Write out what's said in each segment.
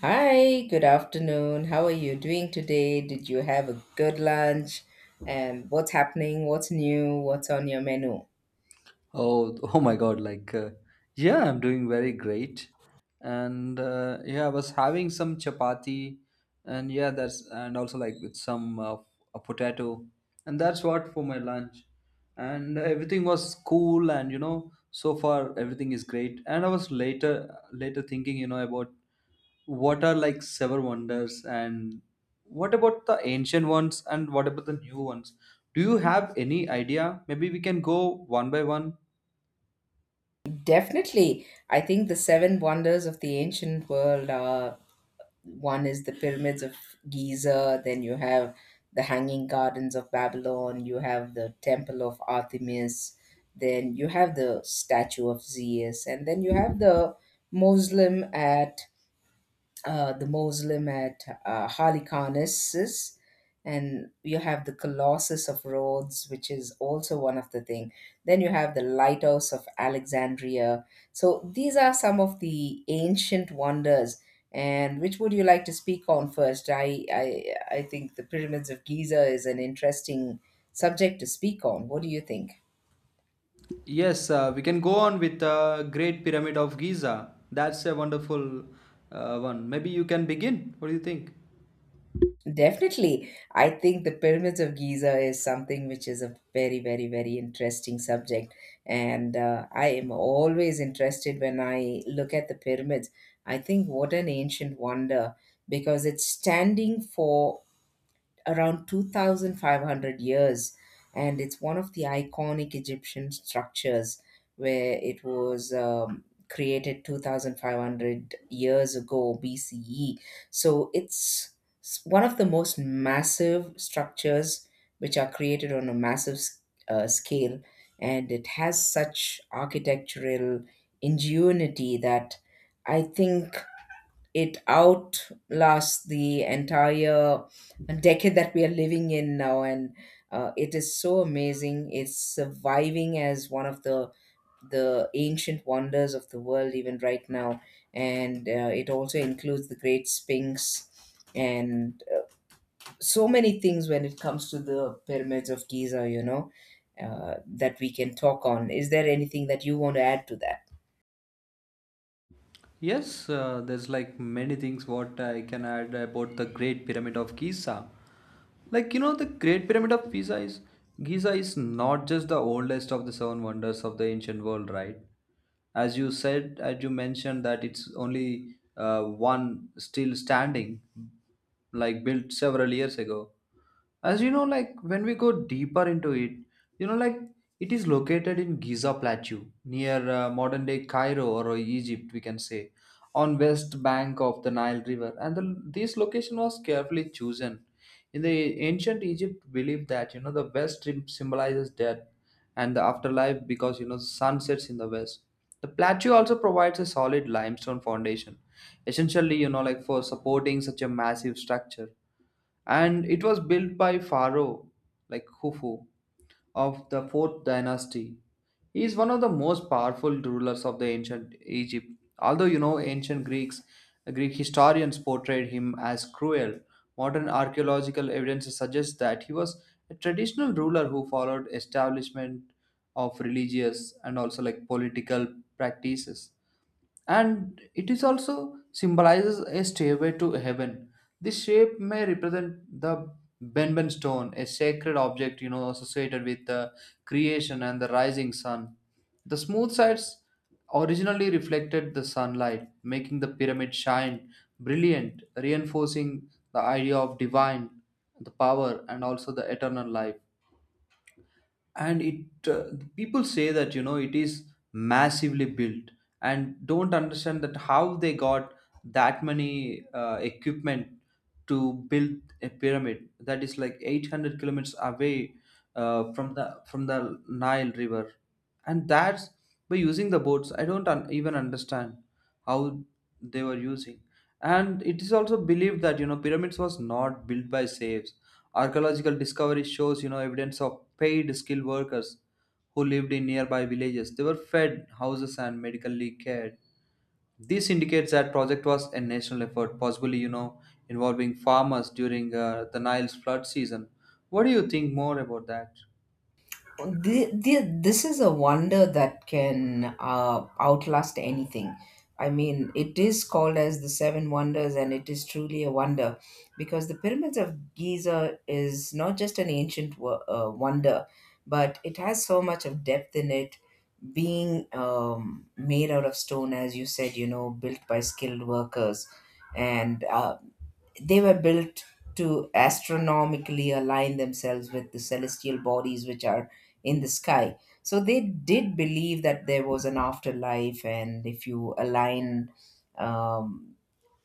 Hi, good afternoon. How are you doing today? Did you have a good lunch? And what's happening? What's new? What's on your menu? Oh, oh my God! I'm doing very great, and yeah, I was having some chapati, and yeah, that's and also like with some a potato, and that's what for my lunch, and everything was cool, and so far everything is great, and I was later thinking, about what are like seven wonders, and what about the ancient ones, and what about the new ones? Do you have any idea? Maybe we can go one by one. Definitely. I think the seven wonders of the ancient world are, one is the pyramids of Giza, then you have the hanging gardens of Babylon, you have the temple of Artemis, then you have the statue of Zeus, and then you have the Muslim at Halikarnassus, and you have the Colossus of Rhodes, which is also one of the thing. Then you have the Lighthouse of Alexandria. So these are some of the ancient wonders. And which would you like to speak on first? I think the pyramids of Giza is an interesting subject to speak on. What do you think? Yes, we can go on with the Great Pyramid of Giza. That's a wonderful one. Maybe you can begin. What do you think? Definitely. I think the Pyramids of Giza is something which is a very, very, very interesting subject. And I am always interested when I look at the pyramids. I think what an ancient wonder, because it's standing for around 2,500 years, and it's one of the iconic Egyptian structures where it was created 2,500 years ago BCE. So it's one of the most massive structures which are created on a massive scale, and it has such architectural ingenuity that I think it outlasts the entire decade that we are living in now, and it is so amazing, it's surviving as one of the ancient wonders of the world even right now. And it also includes the great sphinx and so many things. When it comes to the pyramids of Giza, that we can talk on, is there anything that you want to add to that? Yes, there's like many things what I can add about the Great Pyramid of Giza. Like you know, the Great Pyramid of Pisa is Giza is not just the oldest of the seven wonders of the ancient world, right? As you said, as you mentioned that it's only one still standing, like built several years ago. As you know, like when we go deeper into it, you know, like it is located in Giza Plateau near modern day Cairo or Egypt, we can say, on west bank of the Nile River, and this location was carefully chosen. In the ancient Egypt, believed that you know the west rim symbolizes death and the afterlife because you know the sun sets in the west. The plateau also provides a solid limestone foundation, essentially you know like for supporting such a massive structure, and it was built by Pharaoh like Khufu of the Fourth Dynasty. He is one of the most powerful rulers of the ancient Egypt. Although you know ancient Greeks, Greek historians portrayed him as cruel, modern archaeological evidence suggests that he was a traditional ruler who followed establishment of religious and also like political practices, and it is also symbolizes a stairway to heaven. This shape may represent the Benben stone, a sacred object you know associated with the creation and the rising sun. The smooth sides originally reflected the sunlight, making the pyramid shine brilliant, reinforcing the idea of divine, the power, and also the eternal life, and it people say that you know it is massively built and don't understand that how they got that many equipment to build a pyramid that is like 800 kilometers away from the Nile River, and that's by using the boats. I don't even understand how they were using, and it is also believed that you know pyramids was not built by slaves. Archaeological discovery shows, you know, evidence of paid skilled workers who lived in nearby villages. They were fed, houses, and medically cared. This indicates that project was a national effort, possibly, you know, involving farmers during the Nile's flood season. What do you think more about that? This is a wonder that can outlast anything. I mean, it is called as the Seven Wonders, and it is truly a wonder because the Pyramids of Giza is not just an ancient wonder, but it has so much of depth in it, being made out of stone, as you said, you know, built by skilled workers. And they were built to astronomically align themselves with the celestial bodies which are in the sky. So they did believe that there was an afterlife, and if you align um,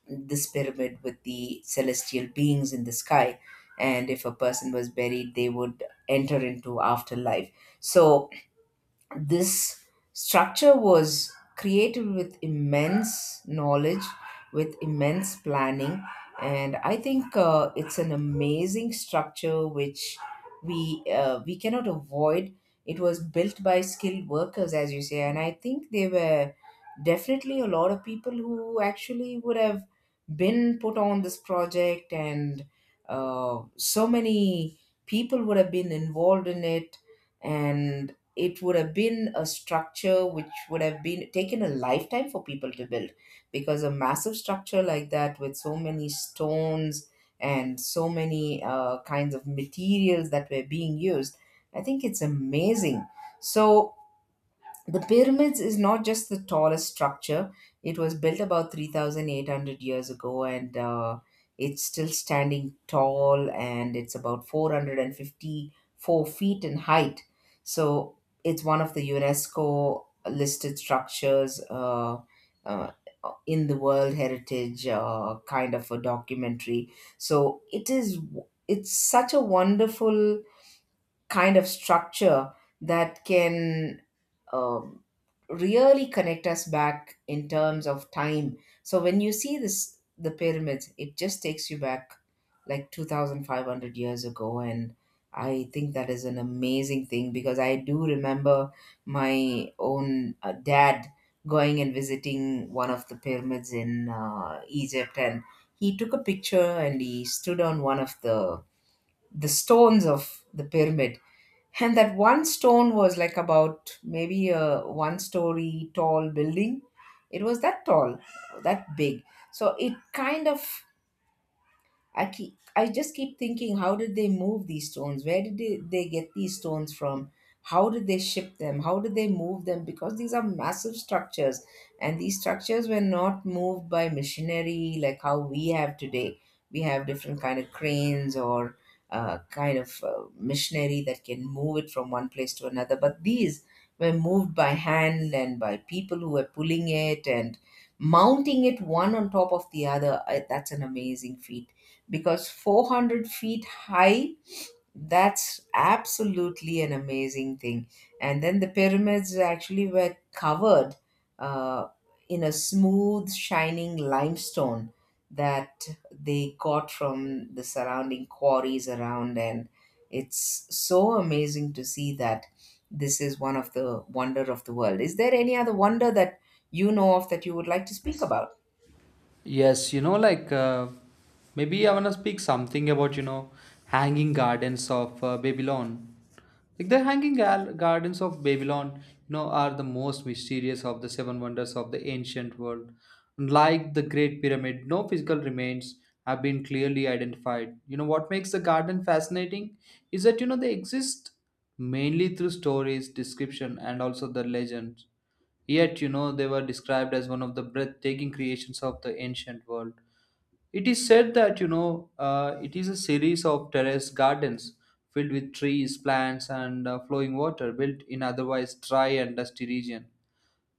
this pyramid with the celestial beings in the sky, and if a person was buried, they would enter into afterlife. So this structure was created with immense knowledge, with immense planning, and I think it's an amazing structure which we cannot avoid. It was built by skilled workers, as you say, and I think there were definitely a lot of people who actually would have been put on this project, and so many people would have been involved in it, and it would have been a structure which would have been taken a lifetime for people to build, because a massive structure like that with so many stones and so many kinds of materials that were being used, I think it's amazing. So the pyramids is not just the tallest structure. It was built about 3,800 years ago, and it's still standing tall and it's about 454 feet in height. So it's one of the UNESCO listed structures uh, in the World Heritage kind of a documentary. So it is, it's such a wonderful kind of structure that can um, really connect us back in terms of time. So when you see this, the pyramids, it just takes you back like 2,500 years ago. And I think that is an amazing thing, because I do remember my own dad going and visiting one of the pyramids in Egypt. And he took a picture and he stood on one of the stones of the pyramid, and that one stone was like about maybe a one story tall building. It was that tall, that big. So it kind of, I just keep thinking, how did they move these stones? Where did they get these stones from? How did they ship them? How did they move them? Because these are massive structures, and these structures were not moved by machinery like how we have today. We have different kind of cranes or kind of machinery that can move it from one place to another. But these were moved by hand and by people who were pulling it and mounting it one on top of the other. That's an amazing feat, because 400 feet high, that's absolutely an amazing thing. And then the pyramids actually were covered uh, in a smooth shining limestone that they got from the surrounding quarries around. And it's so amazing to see that this is one of the wonder of the world. Is there any other wonder that you know of that you would like to speak about? Yes, you know, maybe I want to speak something about, you know, hanging gardens of Babylon. Like the gardens of Babylon, you know, are the most mysterious of the seven wonders of the ancient world. Like the Great Pyramid, no physical remains have been clearly identified. You know, what makes the garden fascinating is that, you know, they exist mainly through stories, description, and also the legends. Yet, you know, they were described as one of the breathtaking creations of the ancient world. It is said that, it is a series of terraced gardens filled with trees, plants, and flowing water built in otherwise dry and dusty region.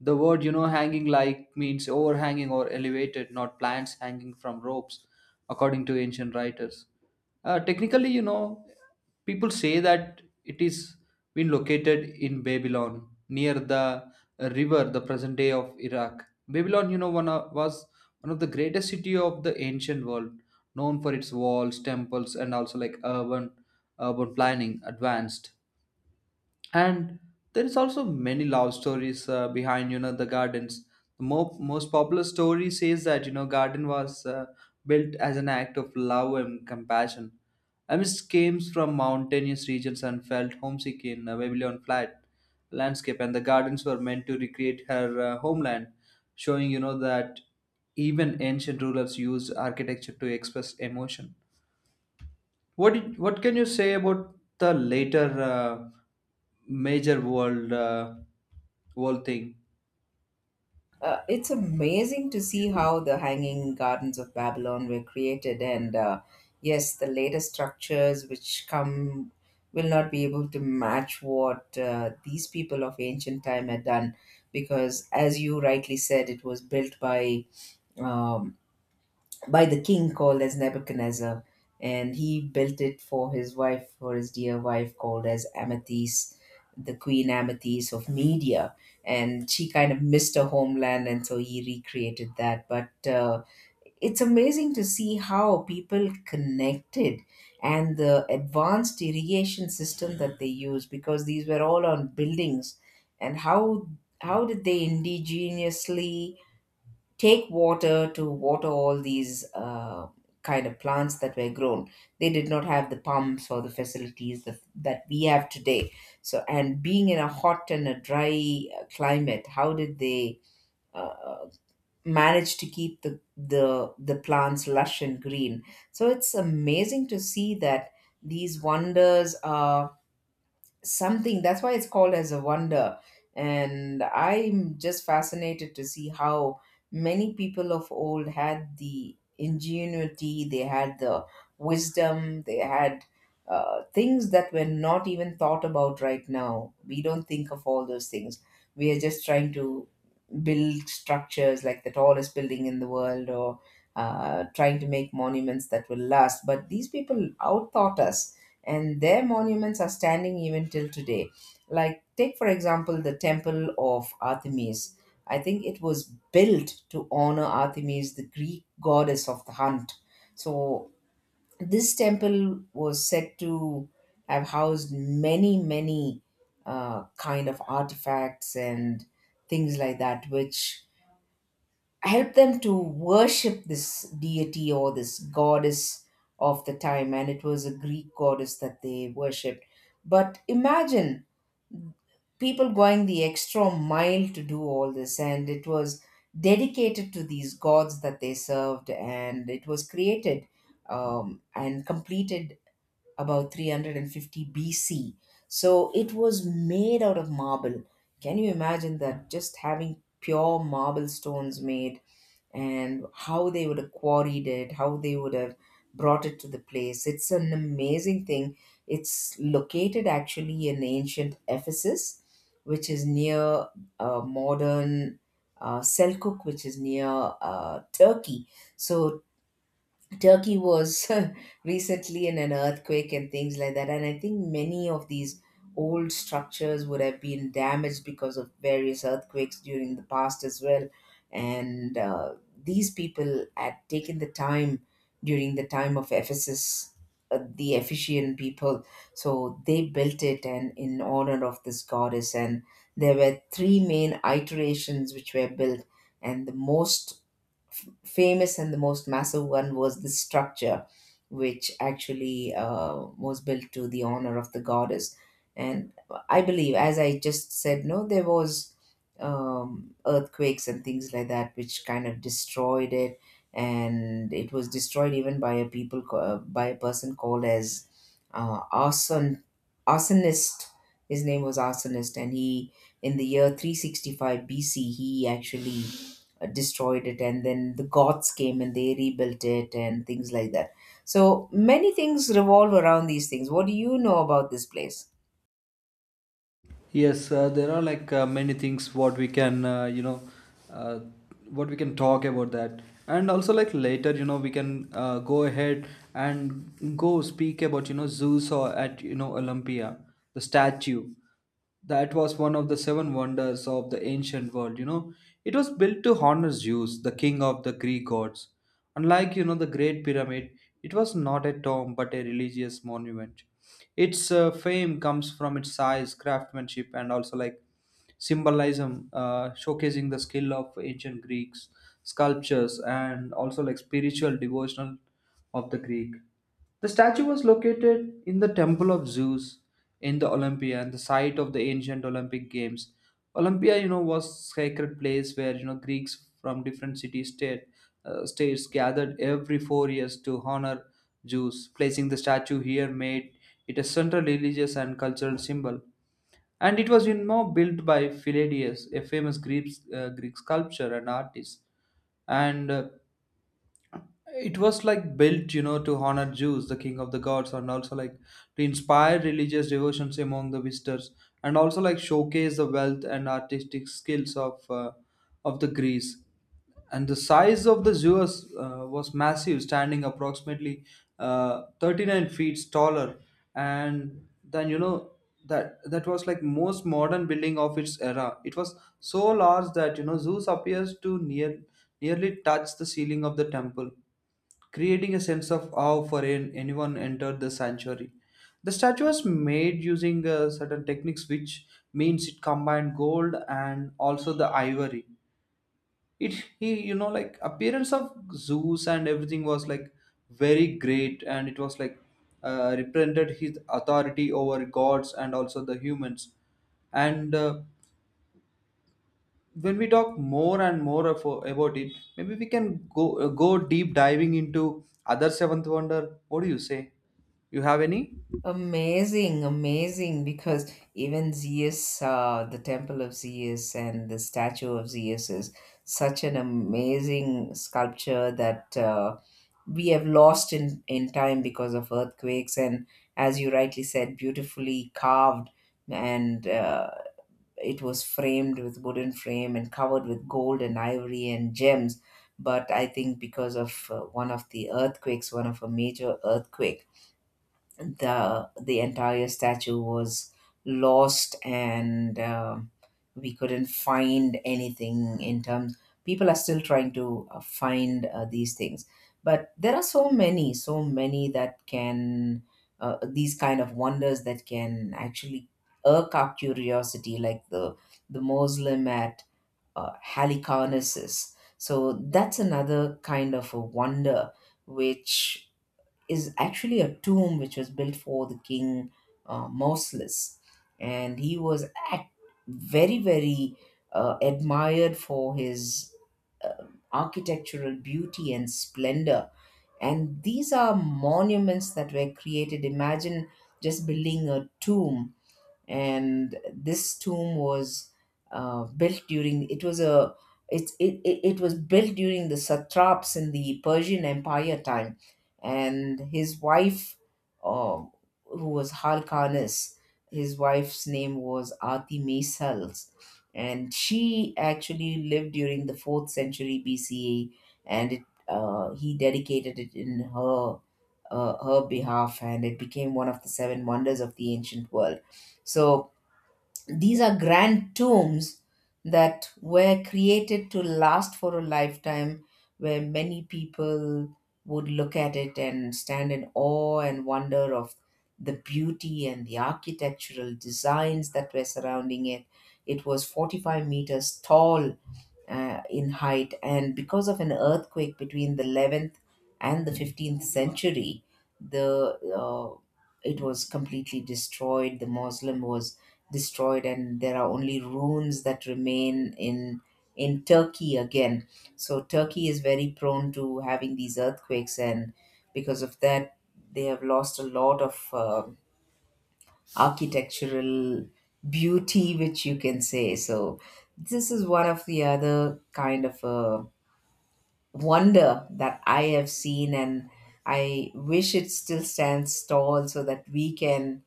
The word, you know, hanging like means overhanging or elevated, not plants hanging from ropes, according to ancient writers. Technically, you know, people say that it is been located in Babylon, near the river, the present day of Iraq. Babylon, you know, was one of the greatest city of the ancient world, known for its walls, temples, and also like urban planning, advanced, and there is also many love stories behind you know the gardens. The most popular story says that you know garden was built as an act of love and compassion. Amidst came from mountainous regions and felt homesick in a Babylon flat landscape, and the gardens were meant to recreate her homeland, showing you know that even ancient rulers used architecture to express emotion. What can you say about the later major world world thing? It's amazing to see how the Hanging Gardens of Babylon were created, and yes, the latest structures which come will not be able to match what these people of ancient time had done, because as you rightly said, it was built um, by the king called as Nebuchadnezzar, and he built it for his wife, for his dear wife called as Amethyst, the queen Amethyst of Media, and she kind of missed her homeland, and so he recreated that. But it's amazing to see how people connected, and the advanced irrigation system that they used, because these were all on buildings. And how did they indigenously take water to water all these kind of plants that were grown. They did not have the pumps or the facilities that we have today. So, and being in a hot and a dry climate, how did they uh, manage to keep the plants lush and green? So it's amazing to see that these wonders are something, that's why it's called as a wonder. And I'm just fascinated to see how many people of old had the ingenuity, they had the wisdom, they had things that were not even thought about. Right now we don't think of all those things, we are just trying to build structures like the tallest building in the world, or trying to make monuments that will last. But these people outthought us, and their monuments are standing even till today. Like, take for example the Temple of Artemis. I think it was built to honor Artemis, the Greek goddess of the hunt. So, this temple was said to have housed many, many kind of artifacts and things like that, which helped them to worship this deity or this goddess of the time. And it was a Greek goddess that they worshipped. But imagine people going the extra mile to do all this, and it was dedicated to these gods that they served. And it was created and completed about 350 BC. So it was made out of marble. Can you imagine that? Just having pure marble stones made, and how they would have quarried it, how they would have brought it to the place. It's an amazing thing. It's located actually in ancient Ephesus, which is near modern Selkuk, which is near Turkey. So Turkey was recently in an earthquake and things like that. And I think many of these old structures would have been damaged because of various earthquakes during the past as well. And these people had taken the time during the time of Ephesus, the Ephesian people. So they built it and in honor of this goddess. And there were three main iterations which were built. And the most famous and the most massive one was the structure, which actually was built to the honor of the goddess. And I believe, as I just said, no, there was earthquakes and things like that, which kind of destroyed it. And it was destroyed even by a person called as uh, arson arsonist. His name was arsonist, and he in the year 365 BC he actually destroyed it, and then the goths came and they rebuilt it and things like that. So many things revolve around these things. What do you know about this place? Yes, there are like many things what we can uh, what we can talk about that, and also like later you know we can go ahead and go speak about you know Zeus or at you know Olympia, the statue that was one of the seven wonders of the ancient world. You know, it was built to honor Zeus, the king of the Greek gods. Unlike you know the Great Pyramid, it was not a tomb but a religious monument. Its fame comes from its size, craftsmanship, and also like symbolism, showcasing the skill of ancient Greeks sculptures and also like spiritual devotional of the Greek. The statue was located in the Temple of Zeus in the Olympia and the site of the ancient Olympic Games. Olympia, you know, was sacred place where you know Greeks from different city state states gathered every 4 years to honor Zeus. Placing the statue here made it a central religious and cultural symbol. And it was, you know, built by Pylades, a famous Greek sculptor and artist. And it was like built you know to honor Zeus, the king of the gods, and also like to inspire religious devotions among the visitors, and also like showcase the wealth and artistic skills of the Greece. And the size of the Zeus was massive, standing approximately 39 feet taller, and then you know that was like most modern building of its era. It was so large that you know Zeus appears to nearly touch the ceiling of the temple, creating a sense of awe for anyone entered the sanctuary. The statue was made using certain techniques, which means it combined gold and also the ivory. It he you know like appearance of Zeus and everything was like very great, and it was like represented his authority over gods and also the humans. And when we talk more and more of, about it, maybe we can go deep diving into other seventh wonder. What do you say? You have any? Amazing, amazing, because even zeus, the temple of zeus and the statue of zeus is such an amazing sculpture that we have lost in time because of earthquakes, and as you rightly said, beautifully carved, and it was framed with wooden frame and covered with gold and ivory and gems. But I think because of one of the earthquakes, one of a major earthquake, the entire statue was lost, and we couldn't find anything in terms. People are still trying to find these things. But there are so many, so many that can these kind of wonders that can actually irk our curiosity, like the Muslim at Halicarnassus. So that's another kind of a wonder which is actually a tomb which was built for the king Mausolus, and he was act- very, very admired for his uh, architectural beauty and splendor. And these are monuments that were created. Imagine just building a tomb. And this tomb was built during, it was a, it was built during the satraps in the Persian Empire time, and his wife, uh, who was Harkanis, his wife's name was Ati Maisals, and she actually lived during the fourth century BCE, and it, he dedicated it in her her behalf, and it became one of the seven wonders of the ancient world. So these are grand tombs that were created to last for a lifetime, where many people would look at it and stand in awe and wonder of the beauty and the architectural designs that were surrounding it. It was 45 meters tall in height, and because of an earthquake between the 11th and the 15th century, the it was completely destroyed. The Muslim was destroyed, and there are only ruins that remain in Turkey again. So Turkey is very prone to having these earthquakes, and because of that they have lost a lot of architectural beauty, which you can say. So this is one of the other kind of wonder that I have seen, and I wish it still stands tall so that we can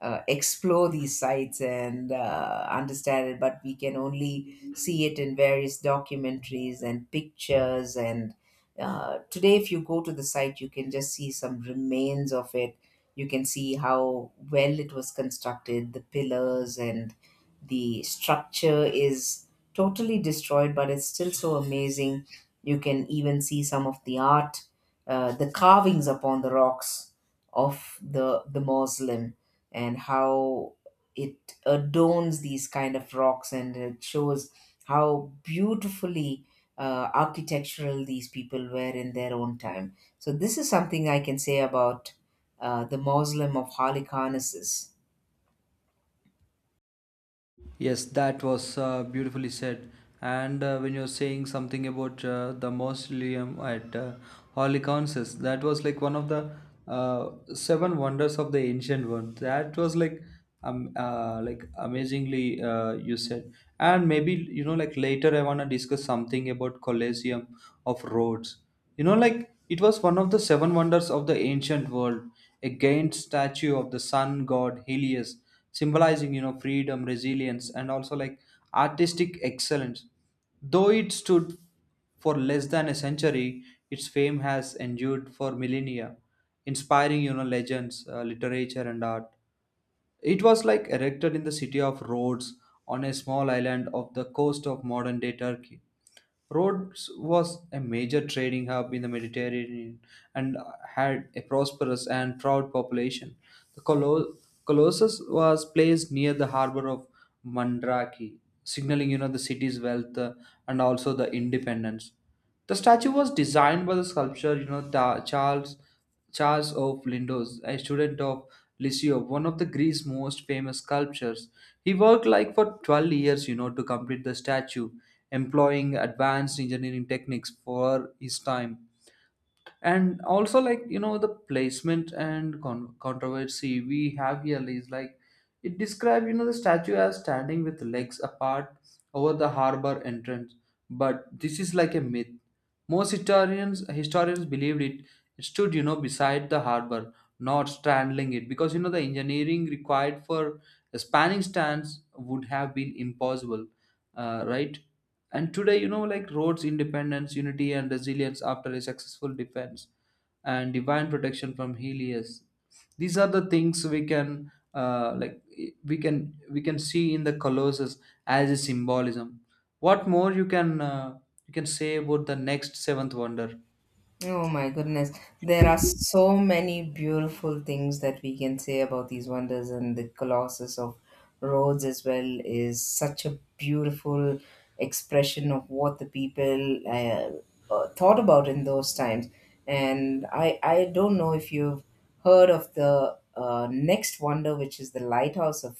explore these sites and understand it. But we can only see it in various documentaries and pictures. And today, if you go to the site, you can just see some remains of it. You can see how well it was constructed. The pillars and the structure is totally destroyed, but it's still so amazing. You can even see some of the art, the carvings upon the rocks of the mausoleum, and how it adorns these kind of rocks, and it shows how beautifully architectural these people were in their own time. So this is something I can say about the Mausoleum of Halicarnassus. Yes, that was beautifully said. And when you're saying something about the mausoleum at Holy Councils, that was like one of the seven wonders of the ancient world. That was like amazingly you said. And maybe you know like later I wanna discuss something about Colosseum of Rhodes. You know like it was one of the seven wonders of the ancient world. A giant statue of the sun god Helios, symbolizing you know freedom, resilience, and also like artistic excellence. Though it stood for less than a century, its fame has endured for millennia, inspiring you know legends, literature, and art. It was like erected in the city of Rhodes, on a small island off the coast of modern day Turkey. Rhodes was a major trading hub in the Mediterranean, and had a prosperous and proud population. The Colossus was placed near the harbor of Mandraki, signaling you know the city's wealth and also the independence. The statue was designed by the sculptor you know Charles Charles of Lindos, a student of Licio, one of the Greece's most famous sculptors. He worked like for 12 years, you know, to complete the statue, employing advanced engineering techniques for his time. And also like you know the placement and controversy we have here is like it described you know the statue as standing with legs apart over the harbor entrance, but this is like a myth. Most historians believed it stood you know beside the harbor, not straddling it, because you know the engineering required for a spanning stance would have been impossible, right. And today, you know, like roads, independence, unity, and resilience after a successful defense, and divine protection from Helios. These are the things we can, we can see in the Colossus as a symbolism. What more you can say about the next seventh wonder? Oh my goodness. There are so many beautiful things that we can say about these wonders, and the Colossus of Rhodes as well is such a beautiful expression of what the people thought about in those times. And I don't know if you've heard of the next wonder, which is the Lighthouse of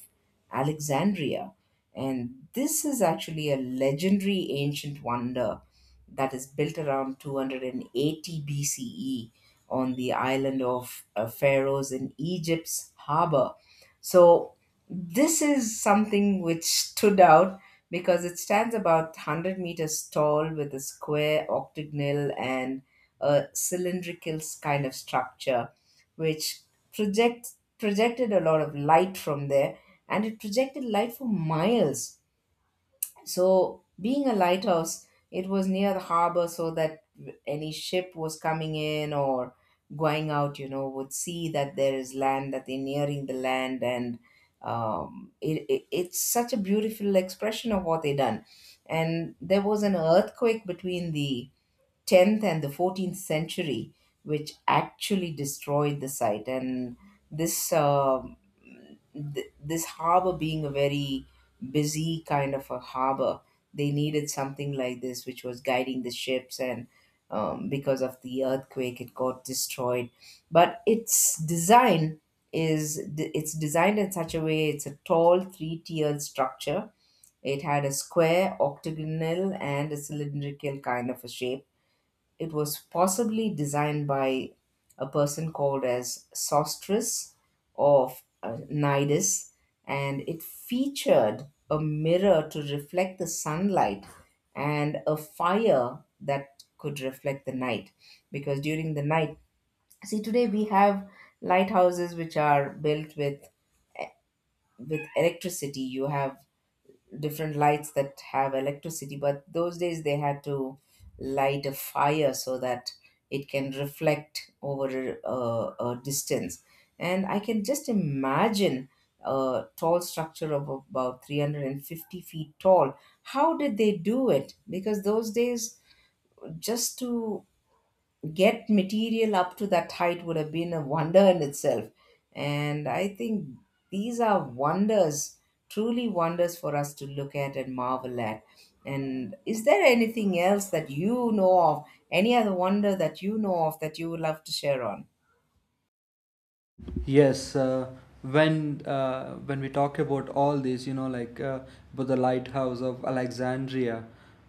Alexandria. And this is actually a legendary ancient wonder that is built around 280 BCE on the island of Pharaohs in Egypt's harbor. So this is something which stood out because it stands about 100 meters tall with a square octagonal and a cylindrical kind of structure which project, projected a lot of light from there, and it projected light for miles. So, being a lighthouse, it was near the harbor so that any ship was coming in or going out, you know, would see that there is land, that they're nearing the land. And it's such a beautiful expression of what they done. And there was an earthquake between the 10th and the 14th century, which actually destroyed the site. And this um this harbor, being a very busy kind of a harbor, they needed something like this which was guiding the ships. And because of the earthquake, it got destroyed. But its design is, it's designed in such a way, it's a tall three-tiered structure. It had a square octagonal and a cylindrical kind of a shape. It was possibly designed by a person called as Sostris of Cnidus, and it featured a mirror to reflect the sunlight and a fire that could reflect the night. Because during the night, see, today we have lighthouses which are built with electricity. You have different lights that have electricity, but those days they had to light a fire so that it can reflect over a distance. And I can just imagine a tall structure of about 350 feet tall. How did they do it? Because those days, just to get material up to that height would have been a wonder in itself. And I think these are wonders, truly wonders for us to look at and marvel at. And is there anything else that you know of, any other wonder that you know of that you would love to share on? Yes, when we talk about all this, you know, but the Lighthouse of Alexandria,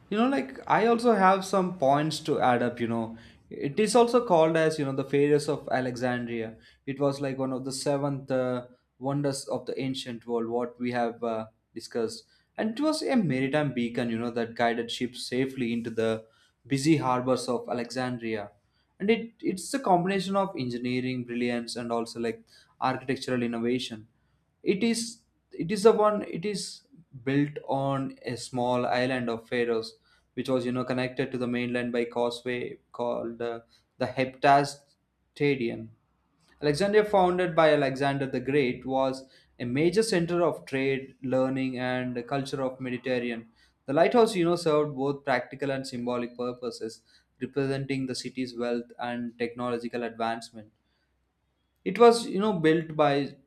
you know, like I also have some points to add up. You know, it is also called as you know the Pharos of Alexandria. It was like one of the seventh wonders of the ancient world, what we have discussed, and it was a maritime beacon, you know, that guided ships safely into the busy harbors of Alexandria, and it's a combination of engineering brilliance and also like architectural innovation. It is it is the one it is built on a small island of Faroes, which was you know connected to the mainland by causeway called the Heptastadion. Alexandria, founded by Alexander the Great, was a major center of trade, learning, and the culture of Mediterranean. The lighthouse, you know, served both practical and symbolic purposes, representing the city's wealth and technological advancement. It was, you know, built by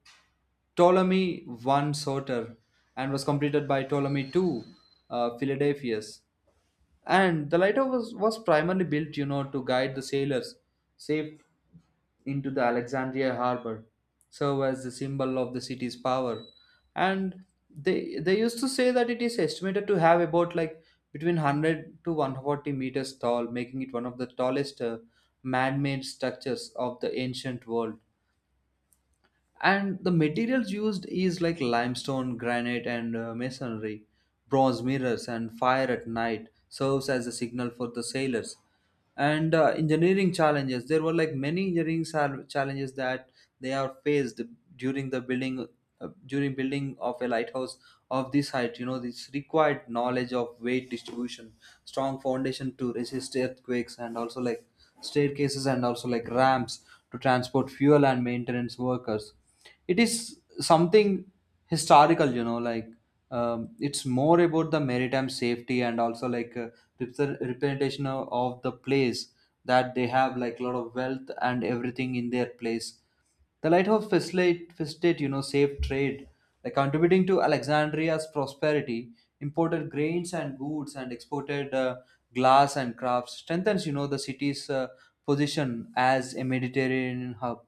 Ptolemy I Soter and was completed by Ptolemy II Philadelphus. And the was primarily built, you know, to guide the sailors safe into the Alexandria harbor, serve as the symbol of the city's power. And they used to say that it is estimated to have about like between 100 to 140 meters tall, making it one of the tallest man-made structures of the ancient world. And the materials used is like limestone, granite, and masonry. Bronze mirrors and fire at night serves as a signal for the sailors, and engineering challenges, there were like many engineering challenges that they are faced during the building, during building of a lighthouse of this height. You know, this required knowledge of weight distribution, strong foundation to resist earthquakes, and also like staircases and also like ramps to transport fuel and maintenance workers. It is something historical. You know like it's more about the maritime safety, and also like representation of the place that they have like a lot of wealth and everything in their place. The lighthouse facilitate you know safe trade, like contributing to Alexandria's prosperity, imported grains and goods, and exported glass and crafts, strengthens you know the city's position as a Mediterranean hub.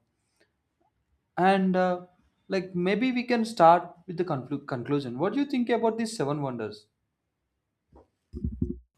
And like maybe we can start with the conclusion. What do you think about these seven wonders?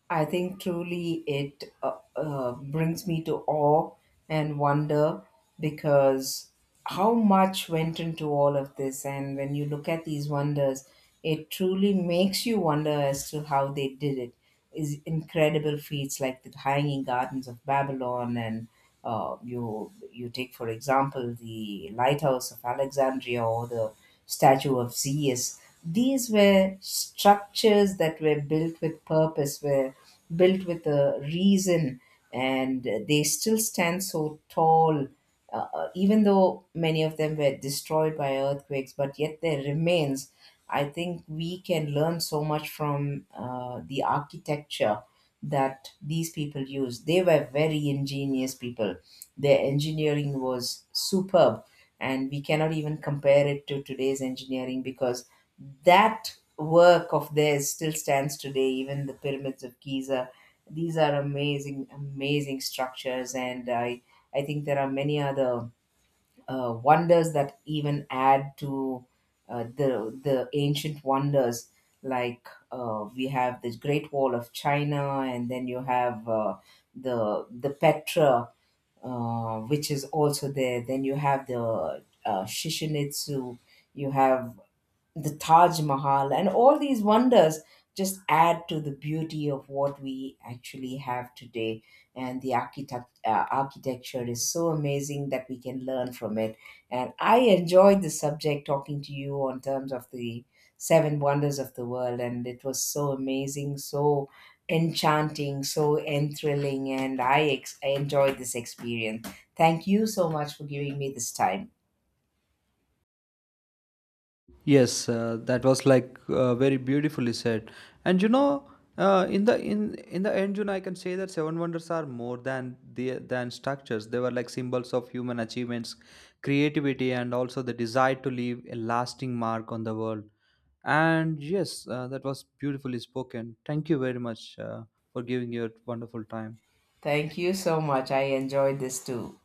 I think truly it brings me to awe and wonder because how much went into all of this. And when you look at these wonders, it truly makes you wonder as to how they did it. Is incredible feats like the Hanging Gardens of Babylon, and you, you take for example the lighthouse of Alexandria or the statue of Zeus. These were structures that were built with purpose, were built with a reason, and they still stand so tall. Even though many of them were destroyed by earthquakes, but yet their remains, I think we can learn so much from the architecture that these people used. They were very ingenious people. Their engineering was superb, and we cannot even compare it to today's engineering because that work of theirs still stands today, even the pyramids of Giza. These are amazing, amazing structures, and I think there are many other wonders that even add to the ancient wonders. Like we have the Great Wall of China, and then you have the Petra, which is also there. Then you have the Shishinitsu. You have the Taj Mahal, and all these wonders just add to the beauty of what we actually have today. And the architect, architecture is so amazing that we can learn from it. And I enjoyed the subject, talking to you on terms of the seven wonders of the world, and it was so amazing, so enchanting, so enthralling, and I enjoyed this experience. Thank you so much for giving me this time. Yes, that was like very beautifully said. And you know, in the end, you know, I can say that seven wonders are more than structures. They were like symbols of human achievements, creativity, and also the desire to leave a lasting mark on the world. And yes, that was beautifully spoken. Thank you very much for giving your wonderful time. Thank you so much. I enjoyed this too.